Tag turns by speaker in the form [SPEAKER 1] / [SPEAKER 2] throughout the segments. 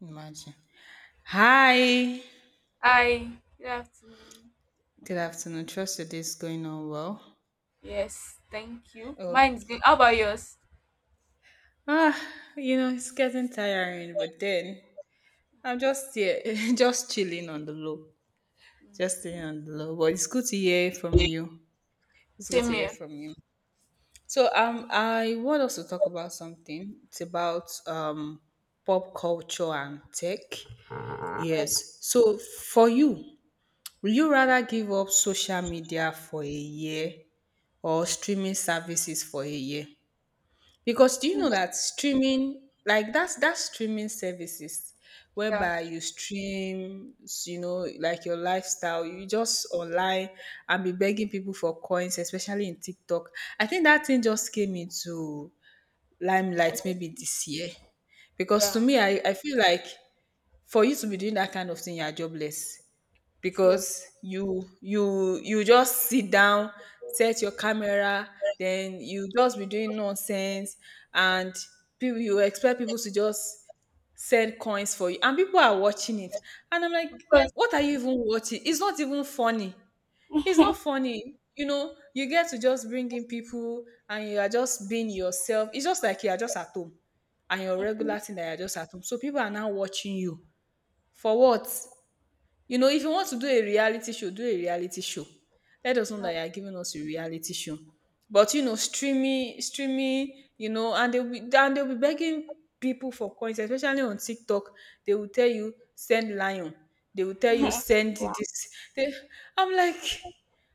[SPEAKER 1] Imagine. Hi.
[SPEAKER 2] Hi, good afternoon.
[SPEAKER 1] Good afternoon. Trust your day is going on well.
[SPEAKER 2] Yes, thank you.
[SPEAKER 1] Oh,
[SPEAKER 2] Mine is good. How about yours?
[SPEAKER 1] ah, you know, it's getting tiring, but then I'm just here, just chilling on the low.
[SPEAKER 2] Mm.
[SPEAKER 1] Just chilling on the low. But it's good to hear from you. It's good
[SPEAKER 2] Same
[SPEAKER 1] to hear
[SPEAKER 2] here.
[SPEAKER 1] from you. So I want us to talk about something. It's about pop culture and tech.
[SPEAKER 2] All right.
[SPEAKER 1] Yes. So for you, will you rather give up social media for a year or streaming services for a year because do you know that streaming like that's streaming services
[SPEAKER 2] Yeah.
[SPEAKER 1] whereby you stream you know like your lifestyle you just online and be begging people for coins especially in TikTok. I think that thing just came into limelight maybe this year. Because to
[SPEAKER 2] Yeah.
[SPEAKER 1] me, I feel like for you to be doing that kind of thing, you're jobless.
[SPEAKER 2] True.
[SPEAKER 1] Because you just sit down, set your camera, then you just be doing nonsense and people you expect people to just send coins for you. And people are watching it. And I'm like,
[SPEAKER 2] Of course.
[SPEAKER 1] what are you even watching? It's not even funny. It's not funny. You know, you get to just bring in people and you are just being yourself. It's just like you are just at home and your regular thing that you're just at home. So people are now watching you. For what? You know, if you want to do a reality show, do a reality show. Let us know that
[SPEAKER 2] True.
[SPEAKER 1] you are giving us a reality show. But you know, streaming, streaming, you know, and they'll be begging people for coins, especially on TikTok. They will tell you send lion. They will tell you send
[SPEAKER 2] I'll,
[SPEAKER 1] this. They, I'm like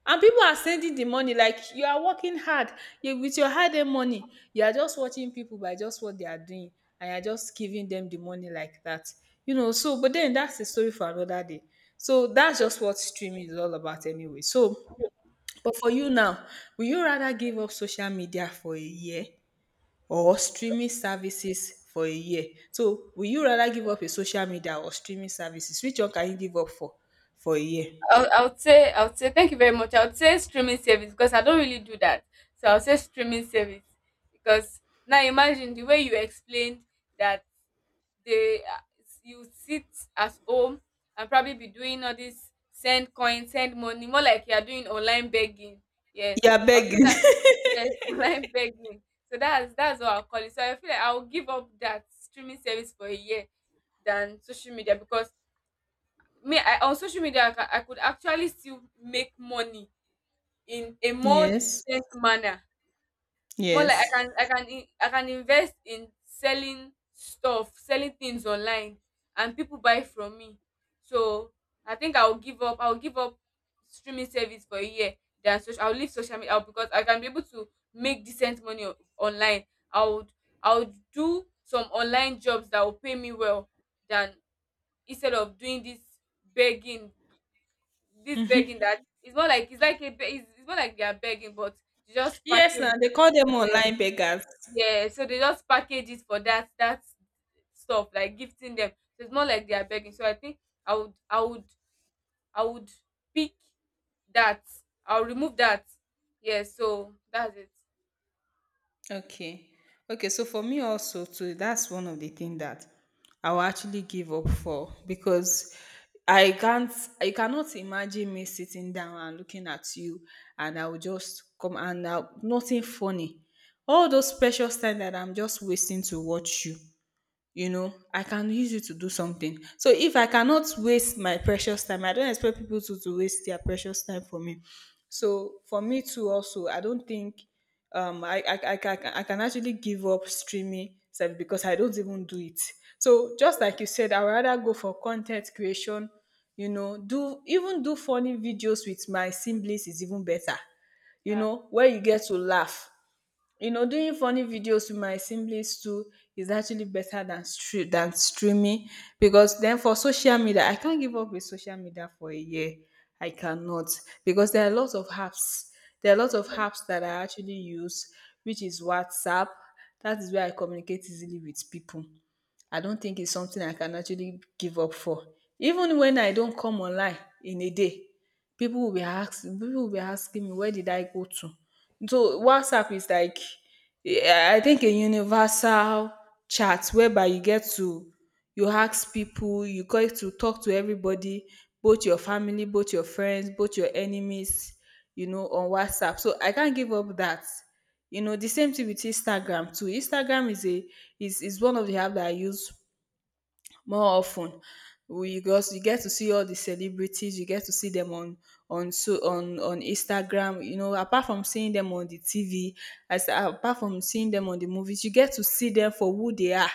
[SPEAKER 1] and people are sending the money like you are working hard. You with your hard earned money, you are just watching people by just what they are doing, and you're just giving them the money like that. You know, so but then that's the story for another day. So that's just what streaming is all about anyway. So but for you now, will you rather give up social media for a year or streaming services for a year? So will you rather give up your social media or streaming services? Which one can you give up for a year?
[SPEAKER 2] I'll say thank you very much. I'll say streaming service because I don't really do that. So I'll say streaming service because now imagine the way you explained that they you sit at home and probably be doing all this send coin, send money, more like you are doing online begging. Yes,
[SPEAKER 1] You are
[SPEAKER 2] I'll say
[SPEAKER 1] begging.
[SPEAKER 2] that. Yes, online begging. So that's what I'll call it. So I feel like I'll give up that streaming service for a year than social media, because me I, on social media I could actually still make money in a more
[SPEAKER 1] Yes.
[SPEAKER 2] decent manner, more like I
[SPEAKER 1] Yes.
[SPEAKER 2] can I can in- I can invest in selling stuff, selling things online, and people buy from me. So I think I'll give up streaming service for a year than social I'll leave social media out, because I can be able to make decent money online. I would I would do some online jobs that will pay me well than instead of doing this begging, this begging that, it's more like it's like a be- it's more like they are begging, but you just
[SPEAKER 1] Yes,
[SPEAKER 2] package
[SPEAKER 1] now
[SPEAKER 2] it.
[SPEAKER 1] they call them online beggars.
[SPEAKER 2] Yeah, so they just package it for that stuff, like gifting them. So it's more like they are begging. So I think I would I would I would pick that. I'll remove that. Yeah, so that's it.
[SPEAKER 1] Okay. Okay, so for me also too, that's one of the things that I will actually give up for because I can't I cannot imagine me sitting down and looking at you and I will just come and now nothing funny. All those precious time that I'm just wasting to watch you. You know I can use it to do something. So if I cannot waste my precious time I don't expect people to waste their precious time for me. So for me too also I don't think I can actually give up streaming service because I don't even do it. So just like you said I would rather go for content creation, you know, do even do funny videos with my siblings is even better, you
[SPEAKER 2] Yeah.
[SPEAKER 1] know, where you get to laugh. You know
[SPEAKER 2] Mhm.
[SPEAKER 1] doing funny videos with my siblings too is actually better than than streaming. Because then for social media I can't give up with social media for a year. I cannot because there are lots of apps. There are lots of
[SPEAKER 2] Mhm.
[SPEAKER 1] apps that I actually use, which is WhatsApp. That is
[SPEAKER 2] Yeah,
[SPEAKER 1] where I communicate easily with people. I don't think it's something I can actually give up for. Even when I don't come online in a day, people will be asking me where did I go to? So WhatsApp is like I think a universal chat whereby you get to you ask people, you get to talk to everybody, both your family, both your friends, both your enemies, you know, on WhatsApp. So I can't give up that. You know, the same thing with Instagram too. Instagram is a is one of the app that I use more often, we because you get to see all the celebrities. You get to see them on so on Instagram, you know, apart from seeing them on the TV, as apart from seeing them on the movies, you get to see them for who they are.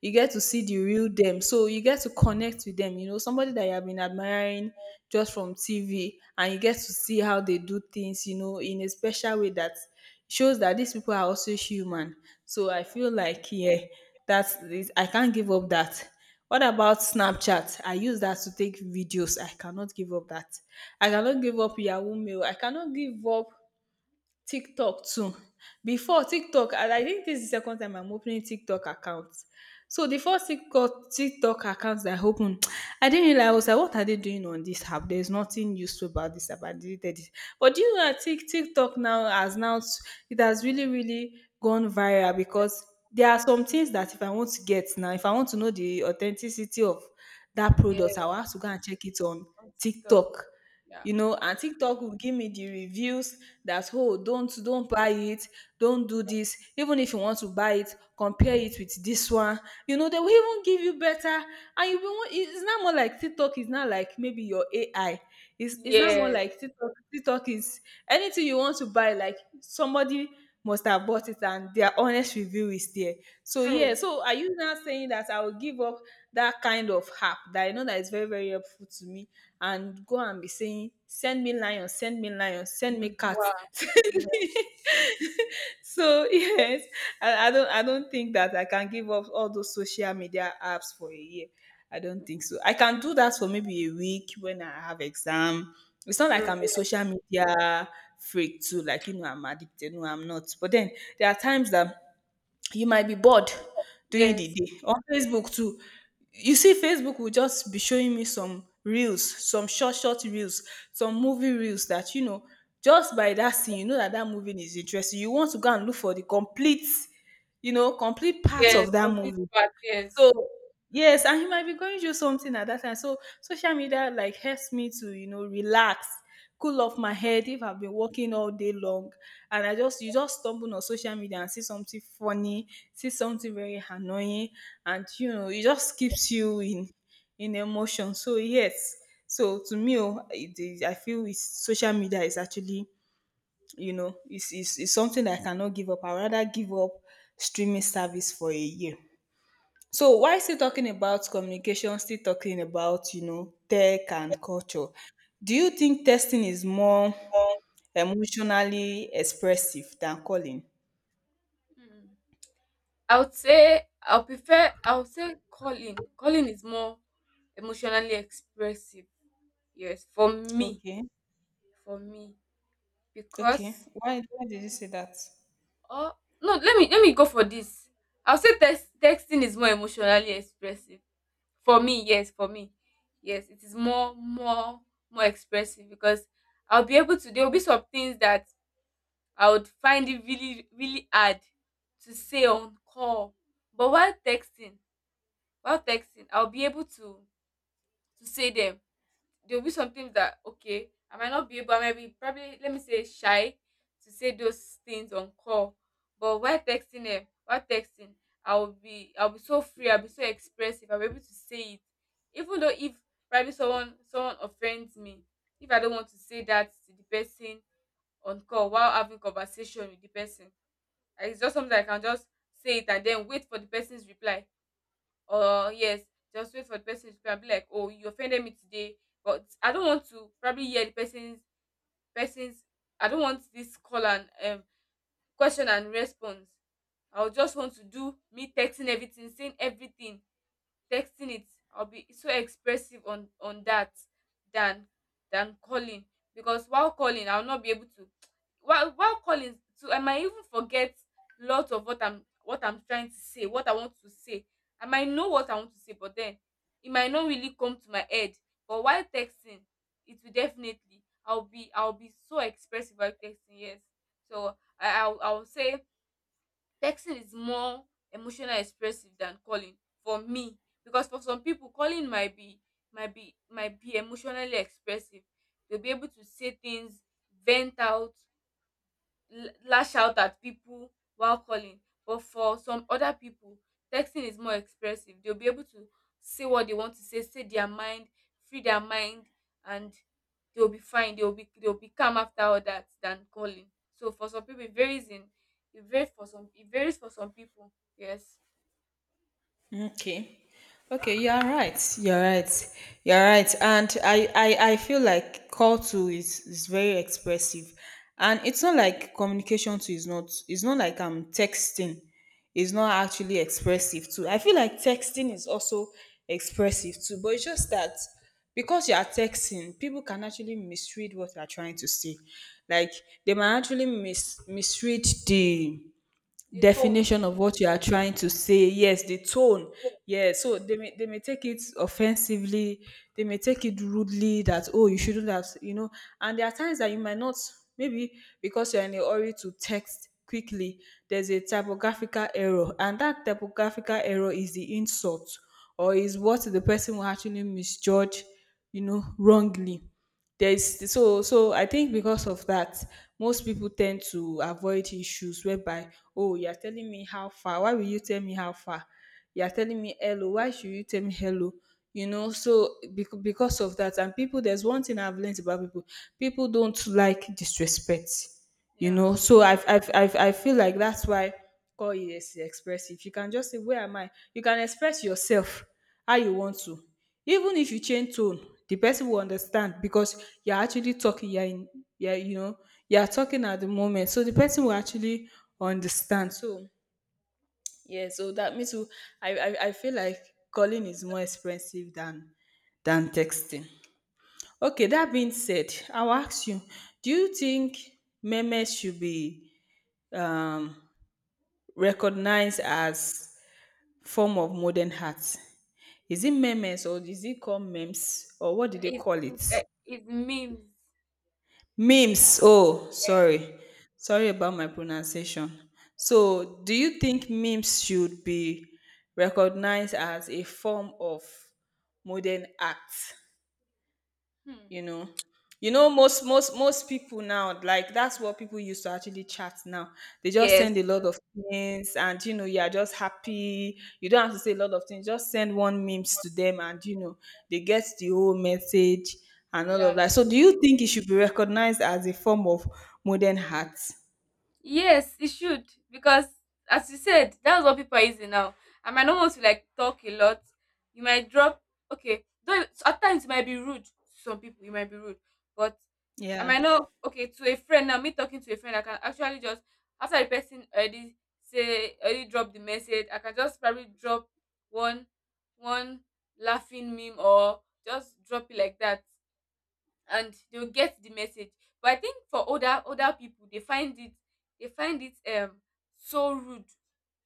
[SPEAKER 1] You
[SPEAKER 2] yeah,
[SPEAKER 1] get to see the real them, so you get to connect with them. You know somebody that you have been admiring just from TV, and you get to see how they do things, you know, in a special way that shows that these people are also human. So I
[SPEAKER 2] yeah,
[SPEAKER 1] feel like, yeah, that's it. I can't give up that. What about Snapchat? I use that to take videos. I cannot give up that. I cannot give up Yahoo Mail. I cannot give up TikTok too. Before
[SPEAKER 2] yeah.
[SPEAKER 1] TikTok, and I think this is the second time I'm opening TikTok account. So the first TikTok account that I opened, I didn't realize. I was like, what are they doing on this app? There's nothing useful about this app. I deleted it. But do you know that TikTok now it has really, really gone viral because there are some things that if I want to get now, if I want to know the authenticity of that
[SPEAKER 2] Yeah,
[SPEAKER 1] product, I'll have to go and check it on
[SPEAKER 2] on TikTok.
[SPEAKER 1] TikTok.
[SPEAKER 2] Yeah,
[SPEAKER 1] You know,
[SPEAKER 2] true,
[SPEAKER 1] and TikTok will give me the reviews that oh don't buy it, don't do
[SPEAKER 2] true.
[SPEAKER 1] this. Even if you want to buy it, compare it with this one. You know they will even give you better and you will it's not more like TikTok is not like maybe your AI. It's not more
[SPEAKER 2] Yeah,
[SPEAKER 1] like TikTok is anything you want to buy, like somebody must have bought it and their honest review is there. So yeah,
[SPEAKER 2] true.
[SPEAKER 1] so are you now saying that I will give up that kind of app that I know that is very, very helpful to me and go and be saying, send me lion, send me lion, send me
[SPEAKER 2] Mhm.
[SPEAKER 1] cat.
[SPEAKER 2] Wow. Yeah,
[SPEAKER 1] So yes, I don't I don't think that I can give up all those social media apps for a year. I don't think so. I can do that for maybe a week when I have exam. It's not like
[SPEAKER 2] true.
[SPEAKER 1] I'm a social media freak too, like you know, I'm addicted. No, I'm not. But then there are times that you might be bored during the
[SPEAKER 2] Yes,
[SPEAKER 1] day on Facebook too. You see Facebook will just be showing me some reels, some short reels, some movie reels that you know just by that scene you know that that movie is interesting. You want to go and look for the complete, you know, complete part
[SPEAKER 2] yes,
[SPEAKER 1] of that
[SPEAKER 2] complete
[SPEAKER 1] movie.
[SPEAKER 2] part, yes.
[SPEAKER 1] So yes, and he might be going through something at that time. So social media like helps me to, you know, relax, cool off my head if I've been working all day long and I just you just stumble on social media and see something funny, see something very annoying, and you know, it just keeps you in emotion. So yes. So to me, oh, I feel social media is actually, you know, it's something that I cannot give up. I rather give up streaming service for a year. So while still talking about communication, still talking about, you know, tech and culture, do you think testing is more emotionally expressive than calling?
[SPEAKER 2] Mm. I would say I would prefer I would say calling. Calling is more emotionally expressive. Yes, for me,
[SPEAKER 1] Okay.
[SPEAKER 2] for me,
[SPEAKER 1] Okay.
[SPEAKER 2] because
[SPEAKER 1] Why did you say that?
[SPEAKER 2] oh no, let me go for this. I'll say texting is more emotionally expressive for me. Yes, for me, yes, it is more expressive because I'll be able to. There will be some things that I would find it really really hard to say on call, but while texting, I'll be able to say them. There'll be some things that, okay, I might not be able, I might be probably, let me say, shy to say those things on call. But while texting, I'll be so free, I'll be so expressive, I'll be able to say it. Even though, if probably someone offends me, if I don't want to say that to the person on call while having conversation with the person, it's just something I can just say it and then wait for the person's reply, or, yes, just wait for the person to probably, like, oh, you offended me today, but I don't want to probably hear the person's. I don't want this call and, question and response. I would just want to do me texting everything, saying everything, texting it. I'll be so expressive on that than than calling, because while calling I'll not be able to while calling to, I might even forget lot of what I'm trying to say, what I want to say. I might know what I want to say but then it might not really come to my head, but while texting it will definitely, I'll be so expressive while texting, yes. So I'll say texting is more emotional expressive than calling for me, because for some people calling might be might be emotionally expressive. They'll be able to say things, vent out, lash out at people while calling, but for some other people texting is more expressive. They'll be able to say what they want to say, say their mind, free their mind, and they'll be fine, they'll be calm after all that than calling. So for some people it varies in, it varies for some people, yes.
[SPEAKER 1] Okay. Okay, you're right. You're right. You're right. And I feel like call to is very expressive. And it's not like communication to is not it's not like I'm texting. It's not actually expressive too. I feel like texting is also expressive too, but it's just that because you are texting, people can actually misread what you're trying to say. Like they might actually misread the
[SPEAKER 2] The tone.
[SPEAKER 1] definition of what you are trying to say. Yes, the tone, yeah. So they may take it offensively. They may take it rudely, that oh, you shouldn't have, and there are times that you might not, maybe, because you're in a hurry to text quickly, there's a typographical error, and that typographical error is the insult or is what the person will actually misjudge, you know, wrongly. There's so so I think because of that, most people tend to avoid issues whereby, oh, you're telling me how far, why will you tell me how far, you're telling me hello, why should you tell me hello, you know. So because of that, and people, there's one thing I've learned about people: people don't like disrespect. You
[SPEAKER 2] Yeah,
[SPEAKER 1] know, so I feel like that's why call is expressive. You can just say where am I, you can express yourself how you want to. Even if you change tone, the person will understand because you're actually talking, you're in, you're, you're talking at the moment. So the person will actually understand. So, yeah, so that means I feel like calling is more expensive than texting. Okay, that being said, I'll ask you, do you think memes should be um, recognized as form of modern art? Is it memes or is it called memes or what do they
[SPEAKER 2] it
[SPEAKER 1] call it?
[SPEAKER 2] it it means.
[SPEAKER 1] Memes. Oh, sorry. Sorry
[SPEAKER 2] Yeah,
[SPEAKER 1] about my pronunciation.
[SPEAKER 2] that's right.
[SPEAKER 1] So, do you think memes should be recognized as a form of modern art? You
[SPEAKER 2] Hmm.
[SPEAKER 1] know,
[SPEAKER 2] Y-
[SPEAKER 1] most people now, like, that's what people used to actually chat now. They just
[SPEAKER 2] yes
[SPEAKER 1] send a lot of things, and you know, you're just happy, you don't have to say a lot of things, just send one memes to them and you know, they get the whole message and all of
[SPEAKER 2] yeah.
[SPEAKER 1] that. So do you think it should be recognized as a form of modern art?
[SPEAKER 2] Yes, it should, because as you said, that's what people are using now. I might not want to like talk a lot. You might drop, okay. Though, so at times you might be rude to some people, you might be rude. But I
[SPEAKER 1] Yeah.
[SPEAKER 2] might not, okay, to a friend now, me talking to a friend, I can actually just, after the person already say, already drop the message, I can just probably drop one one laughing meme or just drop it like that, and they'll get the message. But I think for older people, they find it, they find it um so rude.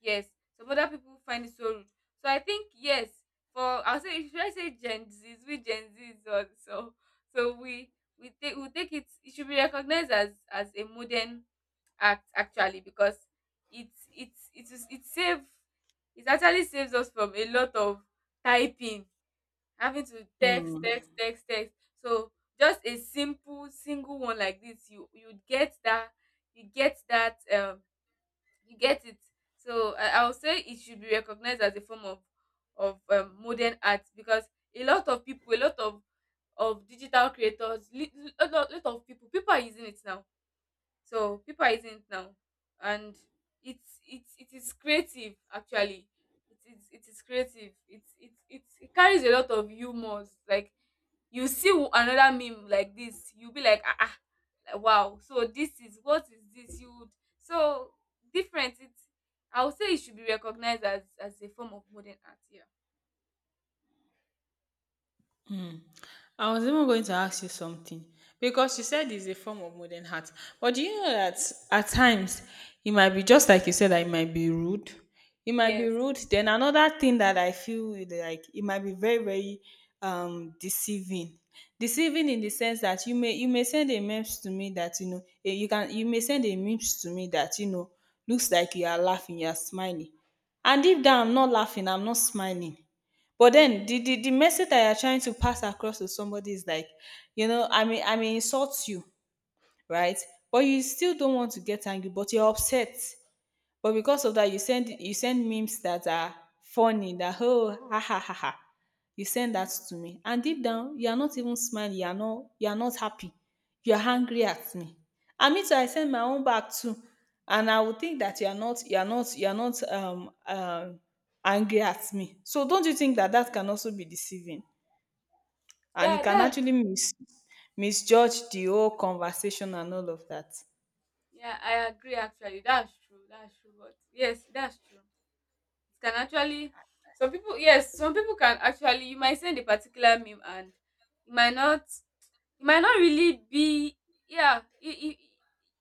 [SPEAKER 2] Yes, some other people find it so rude. So I think, yes, for I'll say should I say Gen Z's, we Gen Z's also. So we take it. It should be recognized as a modern act, actually, because it's it is it save it actually saves us from a lot of typing, having to text
[SPEAKER 1] Mm.
[SPEAKER 2] text text text, so just a simple single one like this, you get that, you get that um you get it. So I would say it should be recognized as a form of, modern art, because a lot of people a lot of digital creators, a lot of people are using it now. So people are eating it now, and it is creative, actually. It is creative. It carries a lot of humors. Like, you see another meme like this, you'll be like, ah, ah, like, wow. So this is, what is this? You would, so different. It's I would say it should be recognized as a form of modern art. Yeah.
[SPEAKER 1] I was even going to ask you something because you
[SPEAKER 2] Okay.
[SPEAKER 1] said it's a form of modern art. But do you know that at times it might be, just like you said, that it might be rude. It might be
[SPEAKER 2] Yes.
[SPEAKER 1] rude. Then another thing that I feel is like it might be very very deceiving. Deceiving in the sense that you may send a message to me that, you know, eh, you can, you may send a message to me that, you know, looks like you are laughing, you are smiling, and if that, I'm not laughing, I'm not smiling, but then the message that you're trying to pass across to somebody is like, you know, I mean, I may insult you, right? But you still don't want to get angry, but you're upset. But because of that, you send memes that are funny, that oh ha ha ha ha. You send that to me. And deep down, you are not even smiling, you are not happy. You are angry at me. And me too, I send my own back too. And I would think that you are not you are not you are not angry at me. So don't you think that that can also be deceiving? And it
[SPEAKER 2] Yeah.
[SPEAKER 1] can
[SPEAKER 2] That.
[SPEAKER 1] actually misjudge the whole conversation and all of that.
[SPEAKER 2] Yeah. I agree. Actually, that's true. That's true. But yes, that's true. It can actually, some people, yes, some people can actually, you might send a particular meme, and it might not really be. Yeah,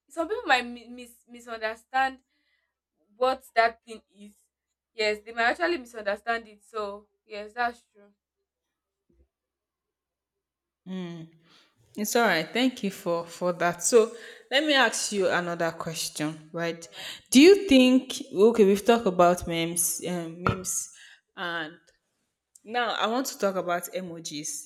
[SPEAKER 2] some people might misunderstand what that thing is. Yes, they might actually misunderstand it. So yes, that's true.
[SPEAKER 1] It's all right. Thank you for that. So let me ask you another question, right?
[SPEAKER 2] All right,
[SPEAKER 1] Do you think, okay? We've talked about memes, memes, and now I want to talk about emojis.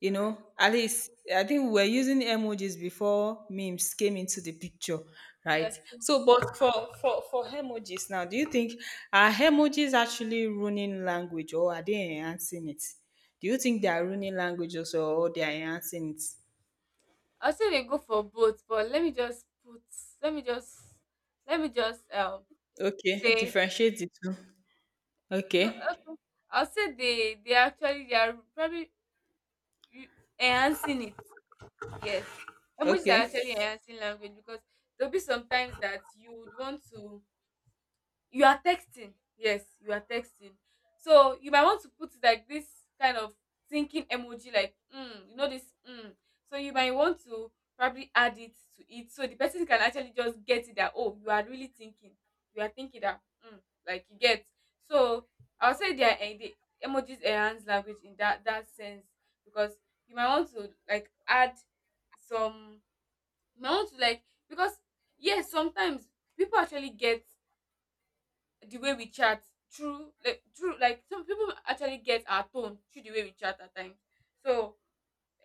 [SPEAKER 1] You
[SPEAKER 2] all
[SPEAKER 1] know,
[SPEAKER 2] right.
[SPEAKER 1] at least I think we were using emojis before memes came into the picture, right?
[SPEAKER 2] Yes, true.
[SPEAKER 1] So, but for for emojis now, do you think, are emojis actually ruining language or are they enhancing it? Do you think they are ruining languages or they are enhancing it?
[SPEAKER 2] I'll say they go for both, but let me just put. Let me just. Let me just
[SPEAKER 1] Okay,
[SPEAKER 2] say,
[SPEAKER 1] differentiate the two.
[SPEAKER 2] no.
[SPEAKER 1] Okay,
[SPEAKER 2] Okay. I'll say they actually they are probably you enhancing it. Yes. Emojis are
[SPEAKER 1] okay,
[SPEAKER 2] actually enhancing language, because there'll be sometimes that you would want to you are texting, yes, you are texting, so you might want to put like this kind of thinking emoji, like mm, you know, this mm. So you might want to probably add it to it, so the person can actually just get it that, oh, you are really thinking, you are thinking that, mm, like, you get. So I would say they are, the emojis enhance language in that sense, because you might want to, like, add some, you might want to like because yes, sometimes people actually get the way we chat through, like, some people actually get our tone through the way we chat at times. So,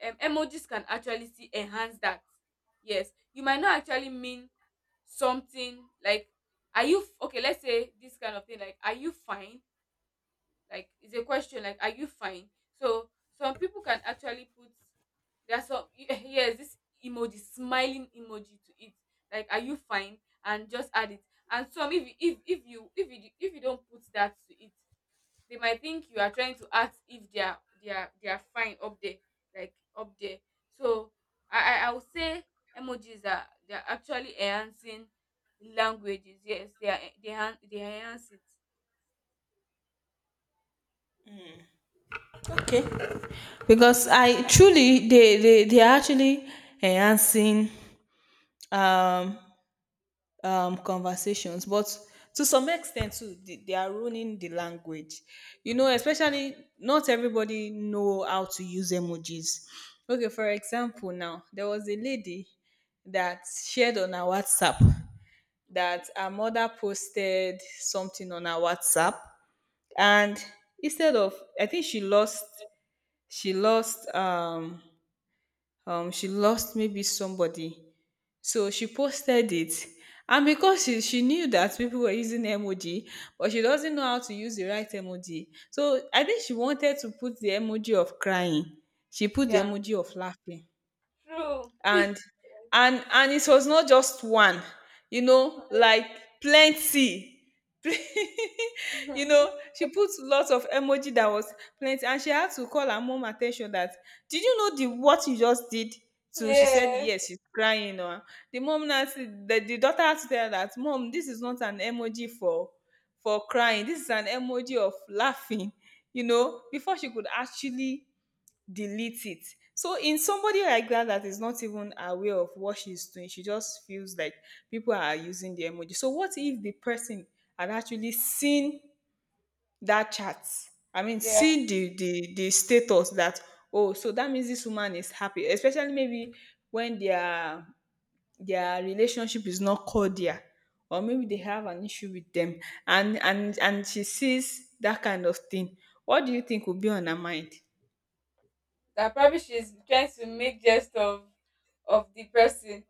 [SPEAKER 2] emojis can actually see enhance that. Yes, you might not actually mean something like, okay, let's say this kind of thing like, are you fine? Like, it's a question, like, are you fine? So some people can actually put, there are some, yes, this emoji, smiling emoji to it, like, are you fine? And just add it. And some, if you, if you don't put that to it, they might think you are trying to ask if they are fine up there, like up there. So I would say emojis are, they are actually enhancing languages, yes they are, they enhance it.
[SPEAKER 1] okay. Because I truly, they are actually enhancing um conversations, but to some extent too, they are ruining the language. You know,
[SPEAKER 2] Yeah.
[SPEAKER 1] especially not everybody know how to use emojis. Okay, for example, now there was a lady that shared on her WhatsApp that
[SPEAKER 2] Okay.
[SPEAKER 1] her mother posted something on her WhatsApp, and instead of, I think she lost, she lost um she lost maybe somebody, so she posted it, and because she knew that people were using emoji, but she doesn't know how to use the right emoji, so I think she wanted to put the emoji of crying, she put the
[SPEAKER 2] Yeah.
[SPEAKER 1] emoji of laughing.
[SPEAKER 2] True.
[SPEAKER 1] And and it was not just one, you know, like plenty, you
[SPEAKER 2] Mhm.
[SPEAKER 1] know, she put lots of emoji that was plenty, and she had to call her mom attention that, did you know the what you just did? So she said
[SPEAKER 2] Yeah.
[SPEAKER 1] yes she's crying, or the mom now the, daughter had to tell her that mom, this is not an emoji for crying, this is an emoji of laughing, you
[SPEAKER 2] Mm.
[SPEAKER 1] know, before she could actually delete it. So in somebody like that, that is not even aware of what she's doing, she just feels like people are using the emoji. So what if the person had actually seen that chat? I mean,
[SPEAKER 2] Yeah.
[SPEAKER 1] seen the status that oh, so that means this woman is happy, especially maybe when their relationship is not cordial, or maybe they have an issue with them, and she sees that kind of thing, what do you think will be on her mind?
[SPEAKER 2] That probably she's trying to make jest of the person.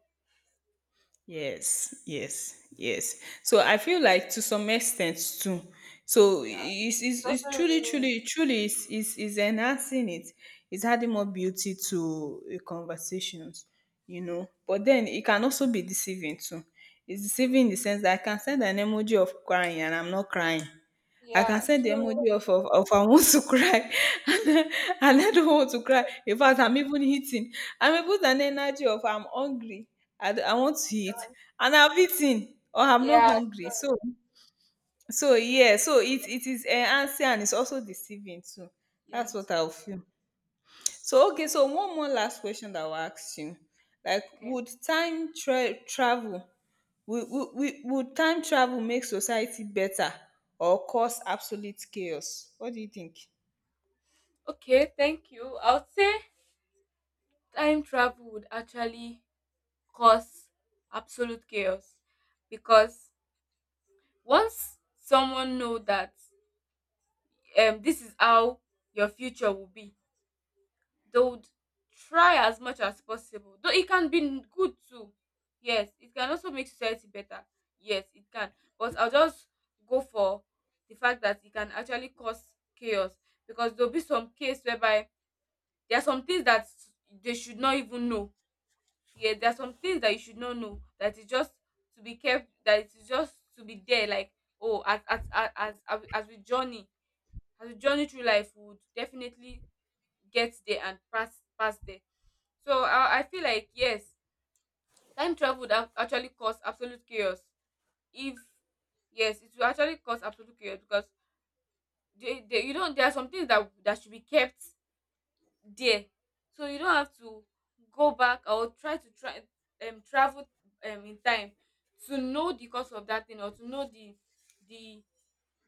[SPEAKER 1] Yes, yes, yes. So I feel like, to some extent too. So
[SPEAKER 2] Yeah. It's
[SPEAKER 1] it's
[SPEAKER 2] also
[SPEAKER 1] truly,
[SPEAKER 2] really
[SPEAKER 1] truly, truly is enhancing it. It's adding more beauty to a conversations, you know. But then it can also be deceiving too. It's
[SPEAKER 2] true.
[SPEAKER 1] deceiving in the sense that I can send an emoji of crying and I'm not crying. I can
[SPEAKER 2] Yeah,
[SPEAKER 1] send the
[SPEAKER 2] true.
[SPEAKER 1] emoji of of I want to cry and I don't want to cry. In fact, I'm even eating. I am put an energy of I'm hungry. I want to eat, and I've eaten, or I'm not
[SPEAKER 2] Yeah,
[SPEAKER 1] hungry.
[SPEAKER 2] true.
[SPEAKER 1] So so yeah, so it is enhancing and it's also deceiving too.
[SPEAKER 2] Yeah,
[SPEAKER 1] That's what
[SPEAKER 2] true.
[SPEAKER 1] I'll feel. So okay, so one more last question that I'll ask you. Like,
[SPEAKER 2] Okay.
[SPEAKER 1] would time tra- travel will, will time travel make society better or cause absolute chaos? What do you think?
[SPEAKER 2] Okay, thank you. I would say time travel would actually cause absolute chaos, because once someone know that, this is how your future will be, they would try as much as possible, though it can be good too, yes, it can also make society better, yes, it can, but I'll just go for the fact that it can actually cause chaos, because there'll be some case whereby there are some things that they should not even know. Yeah, there are some things that you should not know, that is just to be kept, that it is just to be there, like, oh, as we journey through life, we would definitely get there and pass there. So I feel like, yes, time travel would have actually cause absolute chaos. If, yes, it will actually cause absolute chaos, because they you don't there are some things that should be kept there, so you don't have to go back, or try to try travel in time to know the cause of that thing, or to know the, the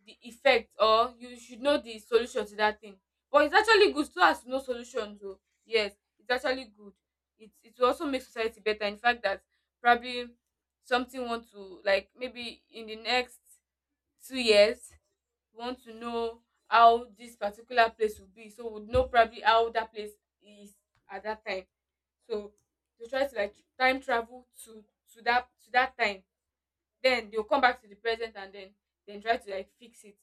[SPEAKER 2] the effect, or you should know the solution to that thing. But it's actually good, so as to know solutions, oh. Yes, it's actually good. It will also make society better. In fact that, probably, something want to like, maybe in the next 2 years we want to know how this particular place will be. So we'd know probably how that place is at that time. So to try to like time travel to that time. Then they'll come back to the present, and then try to like fix it.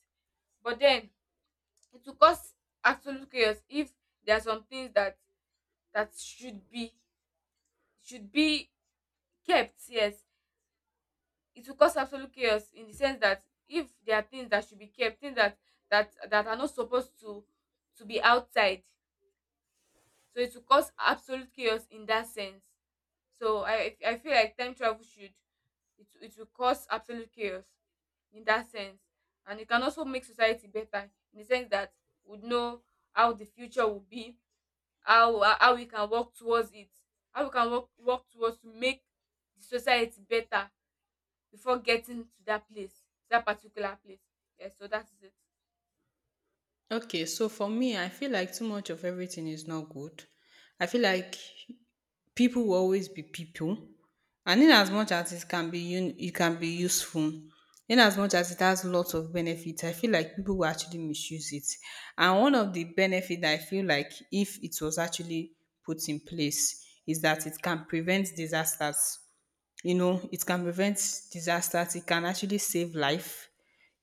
[SPEAKER 2] But then, it will cause absolute chaos if there are some things that should be, should be kept. Yes, it will cause absolute chaos in the sense that if there are things that should be kept, things that are not supposed to be outside, so it will cause absolute chaos in that sense. So I feel like time travel should, it will cause absolute chaos in that sense, and it can also make society better in the sense that we know how the future will be, how, how we can work towards it, how we can work towards to make the society better before getting to that place, that particular place. Yeah, so that is it.
[SPEAKER 1] Okay, so for me, I feel like too much of everything is not good. I feel like people will always be people, and in as much as it can be it can be useful, in as much as it has lots of benefits, I feel like people will actually misuse it. And one of the benefits I feel like, if it was actually put in place, is that it can prevent disasters, you know, it can prevent disasters, it can actually save life,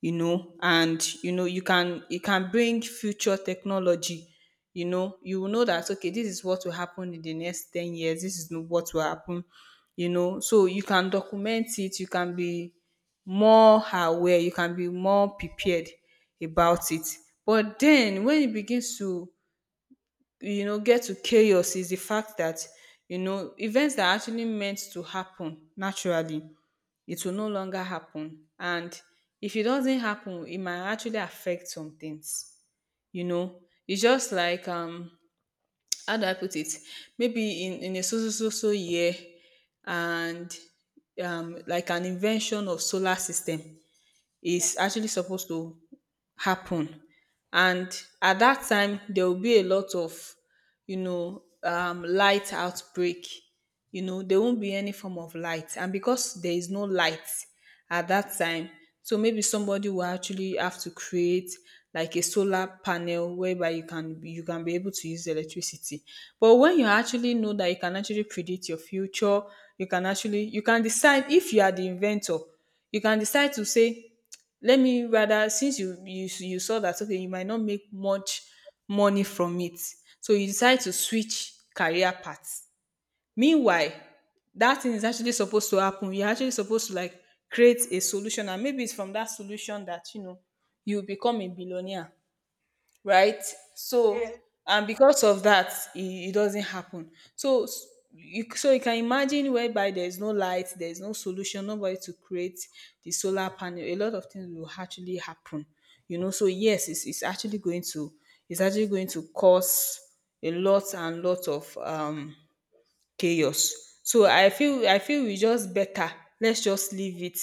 [SPEAKER 1] you know. And you know, you can, it can bring future technology. You know, you will know that okay, this is what will happen in the next 10 years, this is no, what will happen, you know. So you can document it, you can be more aware, you can be more prepared about it. But then when it begins to, you know, get to chaos is the fact that, you know, events that are actually meant to happen naturally, it will no longer happen, and if it doesn't happen it might actually affect some things, you know. It's just like how do I put it, maybe in a so year, and like an invention of solar system
[SPEAKER 2] Yeah.
[SPEAKER 1] is actually supposed to happen. And at that time, there will be a lot of, light outbreak. You know, there won't be any form of light. And because there is no light at that time, so maybe somebody will actually have to create like a solar panel whereby you can, you can be able to use electricity. But when you actually know that you can actually predict your future, you can actually, you can decide, if you are the inventor, you can decide to say let me rather, since you saw that okay, you might not make much money from it, so you decide to switch career paths. Meanwhile, that thing is actually supposed to happen, you're actually supposed to like create a solution, and maybe it's from that solution that, you know, you become a billionaire, right? So
[SPEAKER 2] Yes.
[SPEAKER 1] and because of that, it doesn't happen. So you, so you can imagine whereby there's no light, there's no solution, nobody to create the solar panel. A lot of things will actually happen, you know. So yes, it's actually going to, it's actually going to cause a lot and lot of
[SPEAKER 2] Yes.
[SPEAKER 1] chaos. So
[SPEAKER 2] Yeah.
[SPEAKER 1] I feel, I feel we just better, let's just leave it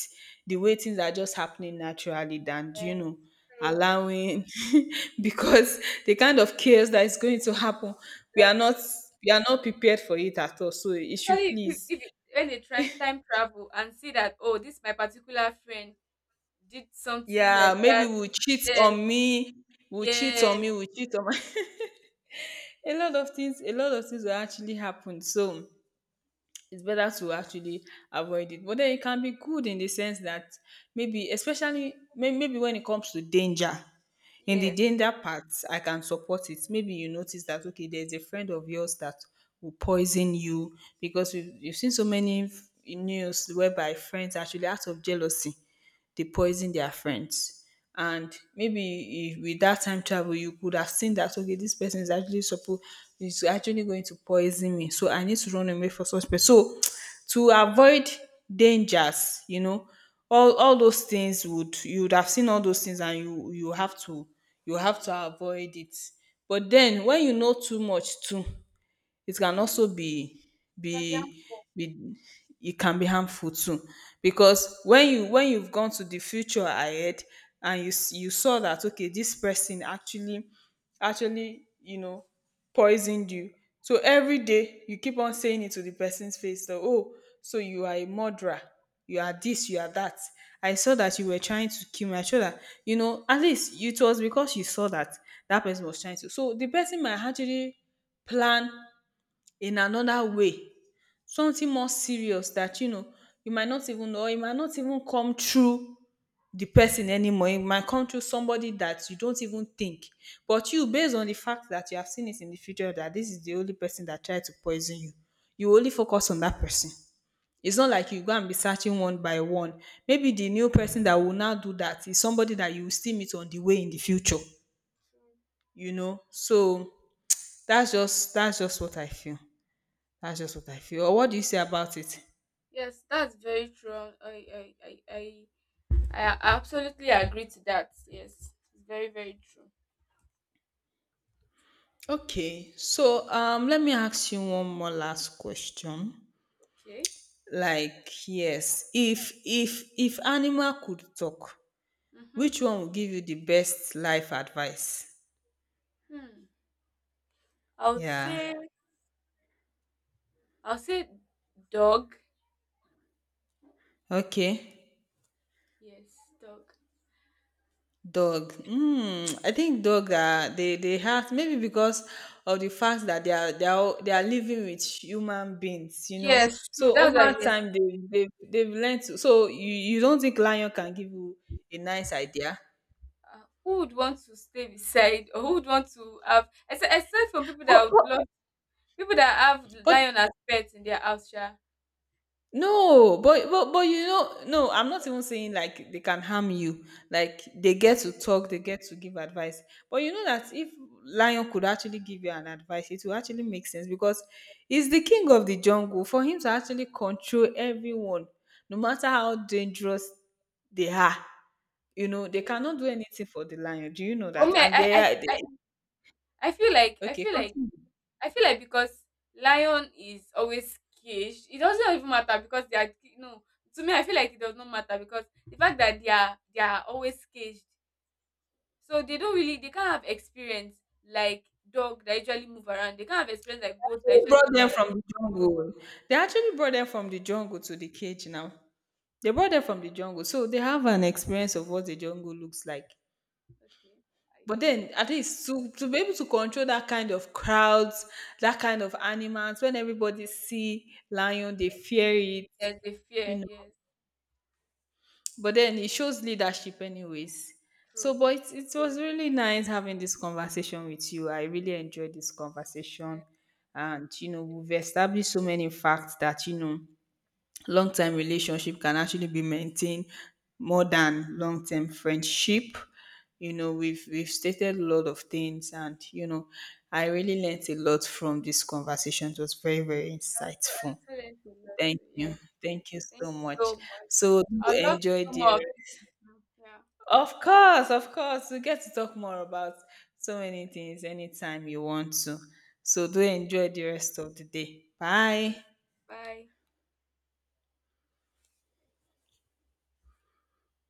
[SPEAKER 1] the way things are just happening naturally than, you
[SPEAKER 2] And
[SPEAKER 1] know,
[SPEAKER 2] true.
[SPEAKER 1] allowing because the kind of chaos that is going to happen, we are not,
[SPEAKER 2] Exactly.
[SPEAKER 1] we are not prepared for it at all. So it should
[SPEAKER 2] Actually,
[SPEAKER 1] please,
[SPEAKER 2] if you- when they try time travel and see that, oh, this my particular friend did something,
[SPEAKER 1] yeah,
[SPEAKER 2] like, yeah,
[SPEAKER 1] maybe
[SPEAKER 2] that,
[SPEAKER 1] will cheat
[SPEAKER 2] yes,
[SPEAKER 1] on me,
[SPEAKER 2] yes,
[SPEAKER 1] will cheat on my a lot of things, a lot of things will actually happen, so it's better to actually avoid it. But then it can be good in the sense that, maybe, especially maybe when it comes to danger, in the
[SPEAKER 2] yes.
[SPEAKER 1] danger part, I can support it. Maybe you notice that okay, there's a friend of yours that will poison you, because
[SPEAKER 2] Yeah.
[SPEAKER 1] we've, you've seen so many news whereby friends, actually out of jealousy, they poison their friends. And maybe if, with that time travel, you could have seen that okay, this person is actually supposed is actually going to poison me, so I need to run away for such person. So to avoid dangers, all those things would you would have seen all those things, and you have to you have to avoid it. But then when you know too much too it can
[SPEAKER 2] Mm-hmm.
[SPEAKER 1] also
[SPEAKER 2] Can be
[SPEAKER 1] be
[SPEAKER 2] harmful.
[SPEAKER 1] be it can be harmful too, because when you've gone to the future ahead and you saw that okay, this person actually, poisoned you. So every day you keep on saying it to the person's face that, oh, so you are a murderer, you are this, you are that, I saw that you were trying to kill me, I saw that, at least it was because you saw that that person was trying to. So the person might actually plan in another way, something more serious that, you might not even know, or it might not even come through the person anymore. It might come through somebody that you don't even think. But you, based on the fact that you have seen it in the future, that this is the only person that tried to poison you, you only focus on that person.
[SPEAKER 2] Yeah.
[SPEAKER 1] It's not like you go and be searching one by one. Maybe the new person that will now do that is somebody that you will still meet on the way in the future.
[SPEAKER 2] True.
[SPEAKER 1] You know, so that's just what I feel. That's
[SPEAKER 2] Yeah.
[SPEAKER 1] just what I feel. Or what do you say about it?
[SPEAKER 2] Yes, that's very true. I, I, I I absolutely agree to that. Yes, it's very very true.
[SPEAKER 1] Okay, so let me ask you one more last question.
[SPEAKER 2] Okay.
[SPEAKER 1] Like, yes, if animal could talk,
[SPEAKER 2] Mhm.
[SPEAKER 1] which one would give you the best life advice?
[SPEAKER 2] Hmm. I would
[SPEAKER 1] Yeah.
[SPEAKER 2] say I would say dog.
[SPEAKER 1] Okay.
[SPEAKER 2] Yes, dog.
[SPEAKER 1] Dog. Mm, I think dog, they have, maybe because of the fact that they are living with human beings, you know.
[SPEAKER 2] Yes, true.
[SPEAKER 1] So
[SPEAKER 2] That's
[SPEAKER 1] over
[SPEAKER 2] a yes.
[SPEAKER 1] time they've learned to. So you don't think lion can give you a nice idea?
[SPEAKER 2] Who would want to stay beside, or who would want to have? Except, from people
[SPEAKER 1] But,
[SPEAKER 2] that would
[SPEAKER 1] but,
[SPEAKER 2] love people that have
[SPEAKER 1] But
[SPEAKER 2] lion as pets in their house. Yeah.
[SPEAKER 1] but you know, no, I'm not even saying like they can harm you. Like they
[SPEAKER 2] Okay.
[SPEAKER 1] get to talk, they get to give advice. But you know that if lion could actually give you an advice, it will actually make sense because he's the king of the jungle. For him to actually control everyone, no matter how dangerous they are, you know, they
[SPEAKER 2] Okay.
[SPEAKER 1] cannot do anything for the lion. Do you know
[SPEAKER 2] For
[SPEAKER 1] that?
[SPEAKER 2] me,
[SPEAKER 1] And
[SPEAKER 2] I feel like I
[SPEAKER 1] okay,
[SPEAKER 2] feel like
[SPEAKER 1] continue.
[SPEAKER 2] I feel like because lion is always caged, it doesn't even matter because they are, no. To me, I feel like it does not matter because the fact that they are always caged, so they don't really they can't have experience like dog that usually move around. They can't have experience like goat that
[SPEAKER 1] They
[SPEAKER 2] usually
[SPEAKER 1] brought
[SPEAKER 2] move
[SPEAKER 1] them from
[SPEAKER 2] around.
[SPEAKER 1] the jungle. They actually brought them from the jungle to the cage now. They brought them from the jungle, so they have an experience of what the jungle looks like.
[SPEAKER 2] Okay, I,
[SPEAKER 1] But
[SPEAKER 2] I,
[SPEAKER 1] then, at least to be able to control that kind of crowds, that kind of animals, when everybody see lion, they fear it,
[SPEAKER 2] there's a
[SPEAKER 1] you
[SPEAKER 2] fear.
[SPEAKER 1] know.
[SPEAKER 2] Yes,
[SPEAKER 1] But then it shows leadership, anyways. So,
[SPEAKER 2] true.
[SPEAKER 1] but it was really nice having this conversation with you. I really enjoyed this conversation,
[SPEAKER 2] Yes.
[SPEAKER 1] and you know,
[SPEAKER 2] Yeah.
[SPEAKER 1] we've established so many facts that, you know, long term relationship can actually be maintained more than long term friendship. You know, we've stated a lot of things, and you know, I really learnt a lot from this conversation. It was very very
[SPEAKER 2] I also I
[SPEAKER 1] insightful.
[SPEAKER 2] also learned a lot. Too.
[SPEAKER 1] Thank you,
[SPEAKER 2] Yes,
[SPEAKER 1] thank you
[SPEAKER 2] thank
[SPEAKER 1] so
[SPEAKER 2] you
[SPEAKER 1] much.
[SPEAKER 2] so much.
[SPEAKER 1] So do
[SPEAKER 2] I'd love to
[SPEAKER 1] enjoy
[SPEAKER 2] do
[SPEAKER 1] the.
[SPEAKER 2] more of this. Yeah.
[SPEAKER 1] Of course, we get to talk more about so
[SPEAKER 2] All
[SPEAKER 1] many
[SPEAKER 2] right.
[SPEAKER 1] things anytime you want to. So do
[SPEAKER 2] All right.
[SPEAKER 1] enjoy the rest of the day.
[SPEAKER 2] And you.
[SPEAKER 1] Bye.
[SPEAKER 2] Bye.